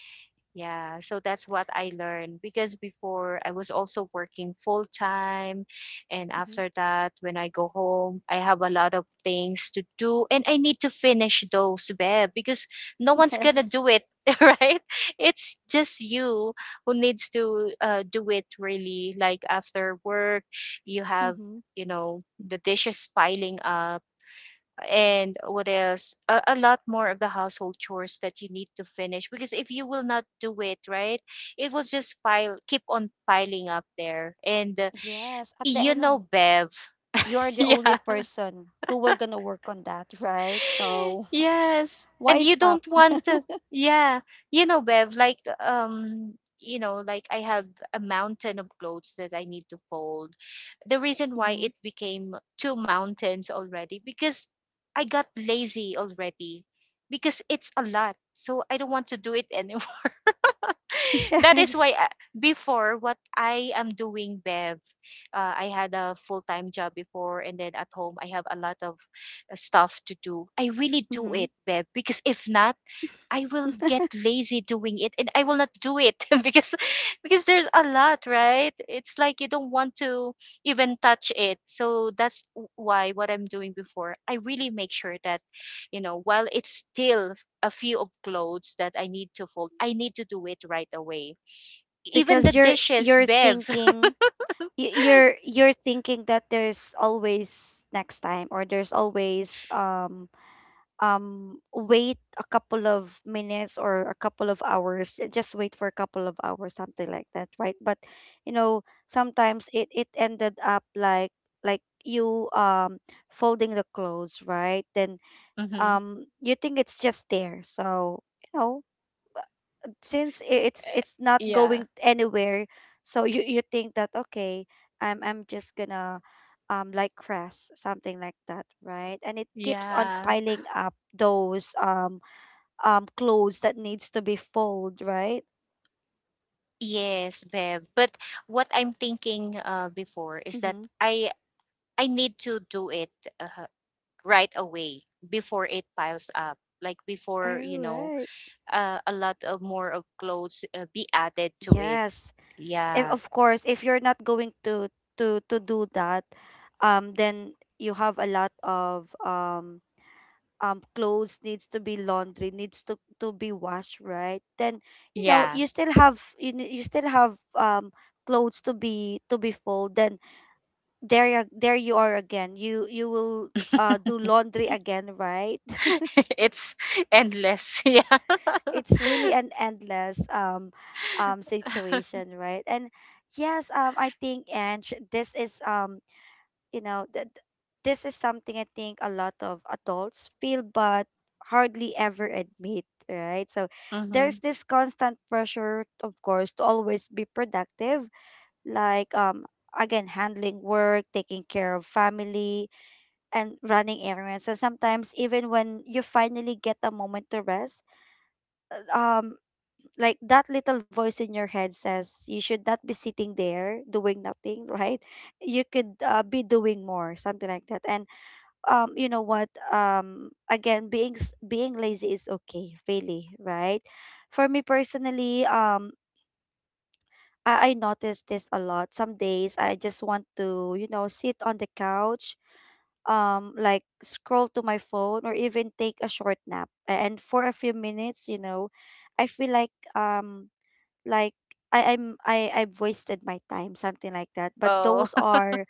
B: Yeah, so that's what I learned because before I was also working full time. And
A: Mm-hmm.
B: after that, when I go home, I have a lot of things to do and I need to finish those, babe, because no one's gonna
A: Yes.
B: do it, right? It's just you who needs to do it really. Like after work, you have,
A: Mm-hmm.
B: you know, the dishes piling up and what else a lot more of the household chores that you need to finish because if you will not do it right it will just pile keep on piling up there and
A: Yes, at the
B: you
A: end of,
B: know bev
A: you're the only
B: yeah
A: person who will gonna work on that, right? So
B: Yes. And
A: why
B: you
A: stop?
B: don't want to, yeah. You know, Bev, like, um, you know, like I have a mountain of clothes that I need to fold. The reason why
A: Mm-hmm.
B: it became two mountains already, because I got lazy already, because it's a lot. So I don't want to do it anymore. That is
A: Yes.
B: why I, before what I am doing, Bev, I had a full time job before, and then at home I have a lot of stuff to do. I really do
A: Mm-hmm.
B: it, Beb, because if not, I will get lazy doing it, and I will not do it because because there's a lot, right? It's like you don't want to even touch it. So that's why what I'm doing before, I really make sure that you know while it's still a few of clothes that I need to fold, I need to do it right away. Even the
A: Because you're
B: dishes,
A: you're
B: Bev.
A: thinking you're thinking that there's always next time or there's always wait a couple of minutes or a couple of hours, just wait for a couple of hours, something like that, right? But you know, sometimes it ended up like like you folding the clothes right then.
B: Mhm.
A: You think it's just there, so you know, since it's not
B: Yeah.
A: going anywhere, so you think that, okay, I'm just gonna, like, crash, something like that, right? And it keeps on
B: Yeah.
A: piling up those clothes that needs to be fold, right?
B: Yes, Bev. But what I'm thinking before is that
A: Mm-hmm.
B: I need to do it uh, right away before it piles up. Like
A: All
B: before, you know,
A: right.
B: a lot of more of clothes be added to it.
A: Yes, if, of
B: Yeah,
A: course if you're not going to to do that, then you have a lot of clothes needs to be laundry, needs to be washed, right? Then you know,
B: yeah.
A: you still have you still have clothes to be fold, then there you are again, you will, do laundry again, right?
B: It's endless. Yeah.
A: It's really an endless situation, right? And yes, I think, and this is, you know that this is something I think a lot of adults feel but hardly ever admit, right? So
B: Hmm.
A: there's this constant pressure, of course, to always be productive, like, again, handling work, taking care of family, and running errands. And sometimes even when you finally get a moment to rest, um like that little voice in your head says you should not be sitting there doing nothing, right? You could, be doing more, something like that. And, you know what, again, being lazy is okay, really, right? For me personally, I notice this a lot. Some days I just want to, you know, sit on the couch, like scroll to my phone, or even take a short nap and for a few minutes, you know, I feel like, like I've wasted my time, something like that. But
B: Oh.
A: those are,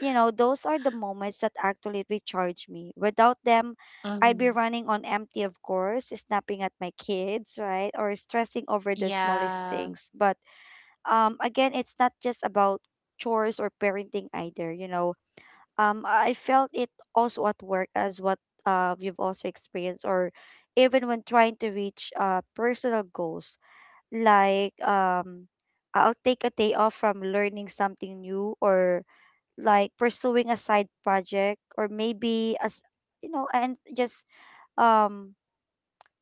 A: you know, those are the moments that actually recharge me. Without them, I'd be
B: Hmm.
A: running on empty, of course, snapping at my kids, right? Or stressing over the smallest
B: Yeah.
A: things. But again, it's not just about chores or parenting either, you know. I felt it also at work, as what, you've also experienced, or even when trying to reach, personal goals, like, I'll take a day off from learning something new, or like pursuing a side project, or maybe, as you know, and just, um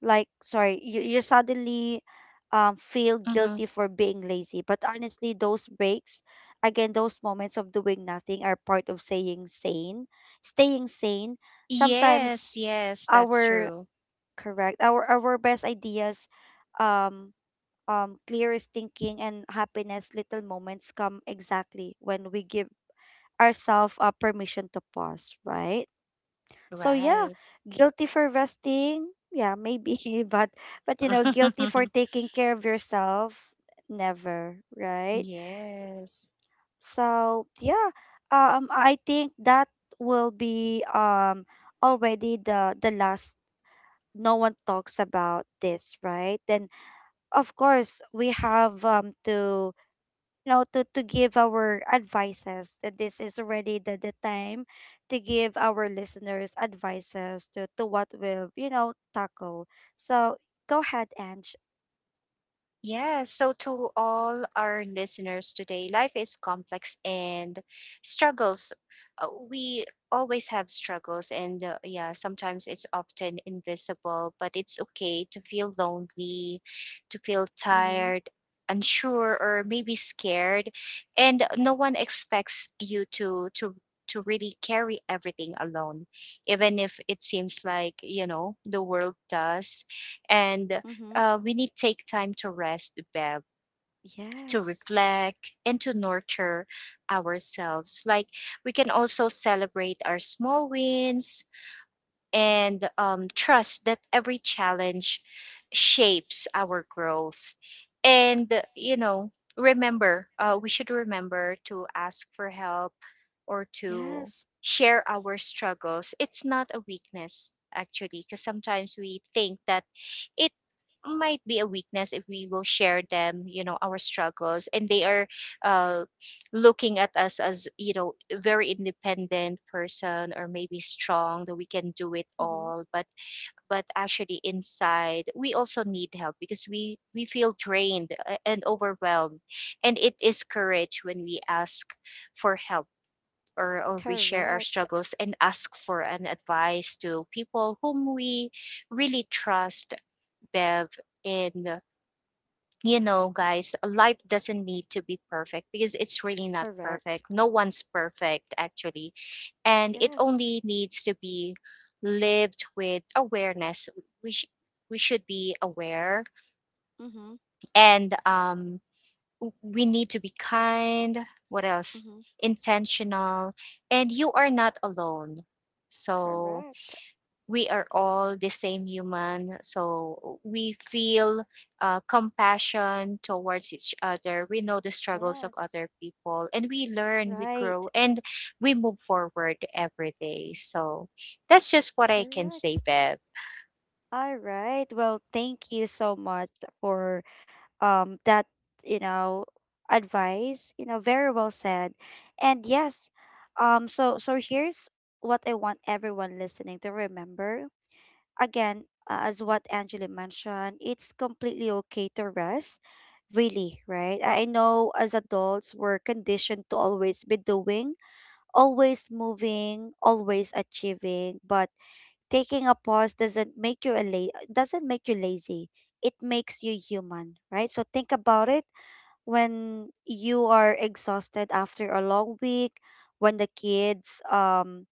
A: like sorry you, you suddenly feel
B: Hmm.
A: guilty for being lazy. But honestly, those breaks, again, those moments of doing nothing are part of saying sane staying sane.
B: Yes,
A: Sometimes
B: yes, that's
A: our
B: true.
A: correct our best ideas, um clearest thinking, and happiness little moments come exactly when we give ourselves, permission to pause, right? So yeah,
B: Right.
A: guilty for resting, yeah, maybe, but but you know, guilty for taking care of yourself, never, right?
B: Yes.
A: So yeah, I think that will be, already the last. No one talks about this, right? Then of course, we have to know to give our advices that this is already the time to give our listeners advices to what we'll, you know, tackle. So go ahead, Ange.
B: Yes, so to all our listeners today, life is complex and struggles. We always have struggles, and yeah, sometimes it's often invisible, but it's okay to feel lonely, to feel
A: Mm-hmm.
B: tired, unsure, or maybe scared. And no one expects you to to really carry everything alone, even if it seems like, you know, the world does. And
A: Mm-hmm.
B: we need to take time to rest, Bev, to
A: Yes.
B: reflect and to nurture ourselves. Like we can also celebrate our small wins and trust that every challenge shapes our growth. And you know, remember, we should remember to ask for help or to
A: Yes.
B: share our struggles. It's not a weakness actually because sometimes we think that it might be a weakness if we will share them you know our struggles and they are uh, looking at us as you know very independent person or maybe strong that we can do it
A: Mm-hmm.
B: all but actually inside we also need help because we feel drained and overwhelmed and it is courage when we ask for help or we share our
A: Correct.
B: struggles and ask for an advice to people whom we really trust bev in you know, guys, life doesn't need to be perfect because it's really not
A: Correct.
B: perfect. No one's perfect, actually. And it
A: Yes.
B: only needs to be lived with awareness. We we should be aware
A: Mm-hmm.
B: and we need to be kind. What else?
A: Mm-hmm.
B: Intentional. And you are not alone. So
A: Correct.
B: we are all the same human. So we feel compassion towards each other. We know the struggles of
A: Yes.
B: other people and we learn, we
A: Right.
B: grow, and we move forward every day. So that's just what I can say,
A: Correct.
B: Bev.
A: All right. Well, thank you so much for, that, you know, advice. You know, very well said. And yes, so, so here's what I want everyone listening to remember. Again, as what Angela mentioned, it's completely okay to rest, really, right? I know as adults we're conditioned to always be doing, always moving, always achieving, but taking a pause doesn't make you a la- doesn't make you lazy. It makes you human, right? So think about it, when you are exhausted after a long week, when the kids um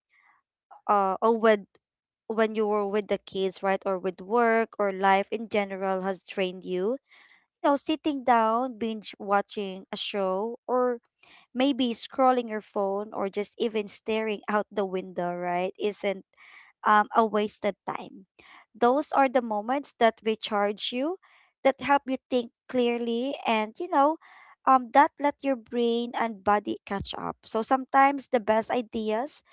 A: uh or with when you were with the kids, right, or with work, or life in general has trained you. You know, sitting down, binge watching a show, or maybe scrolling your phone, or just even staring out the window, right, isn't, a wasted time. Those are the moments that recharge you, that help you think clearly, and you know, that let your brain and body catch up. So sometimes the best ideas,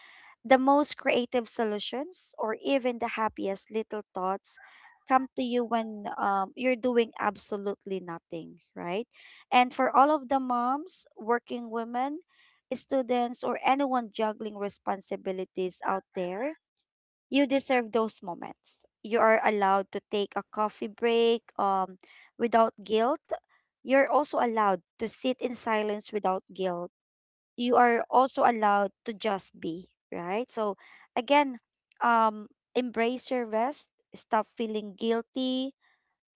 A: the most creative solutions, or even the happiest little thoughts come to you when, you're doing absolutely nothing, right? And for all of the moms, working women, students, or anyone juggling responsibilities out there, you deserve those moments. You are allowed to take a coffee break without guilt. You're also allowed to sit in silence without guilt. You are also allowed to just be, right? So again, um, embrace your rest, stop feeling guilty,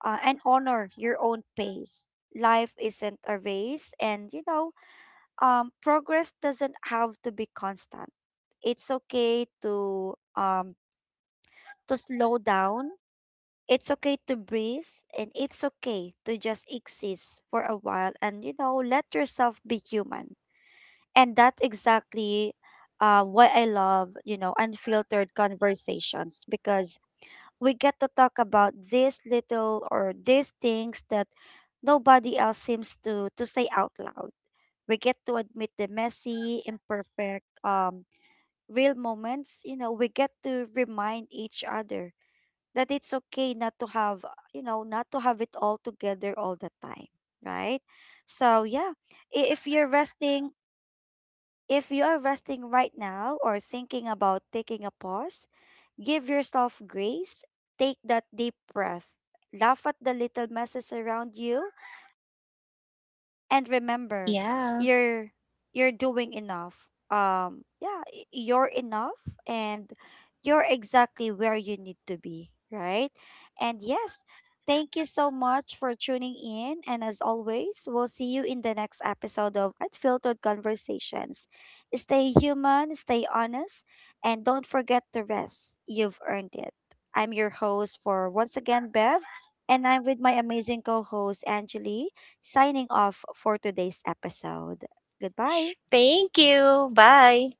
A: and honor your own pace. Life isn't a race, and you know, progress doesn't have to be constant. It's okay to, to slow down. It's okay to breathe, and it's okay to just exist for a while, and you know, let yourself be human. And that's exactly, why I love, you know, Unfiltered Conversations, because we get to talk about these little, or these things that nobody else seems to say out loud. We get to admit the messy, imperfect, real moments. You know, we get to remind each other that it's okay not to have, you know, not to have it all together all the time, right? So yeah, if you're resting, if you are resting right now, or thinking about taking a pause, give yourself grace. Take that deep breath. Laugh at the little messes around you, and remember,
B: Yeah.
A: you're you're doing enough, yeah, you're enough, and you're exactly where you need to be, right? And yes, thank you so much for tuning in, and as always, we'll see you in the next episode of Unfiltered Conversations. Stay human, stay honest, and don't forget to rest. You've earned it. I'm your host for once again, Bev, and I'm with my amazing co-host, Angeli, signing off for today's episode. Goodbye.
B: Thank you. Bye.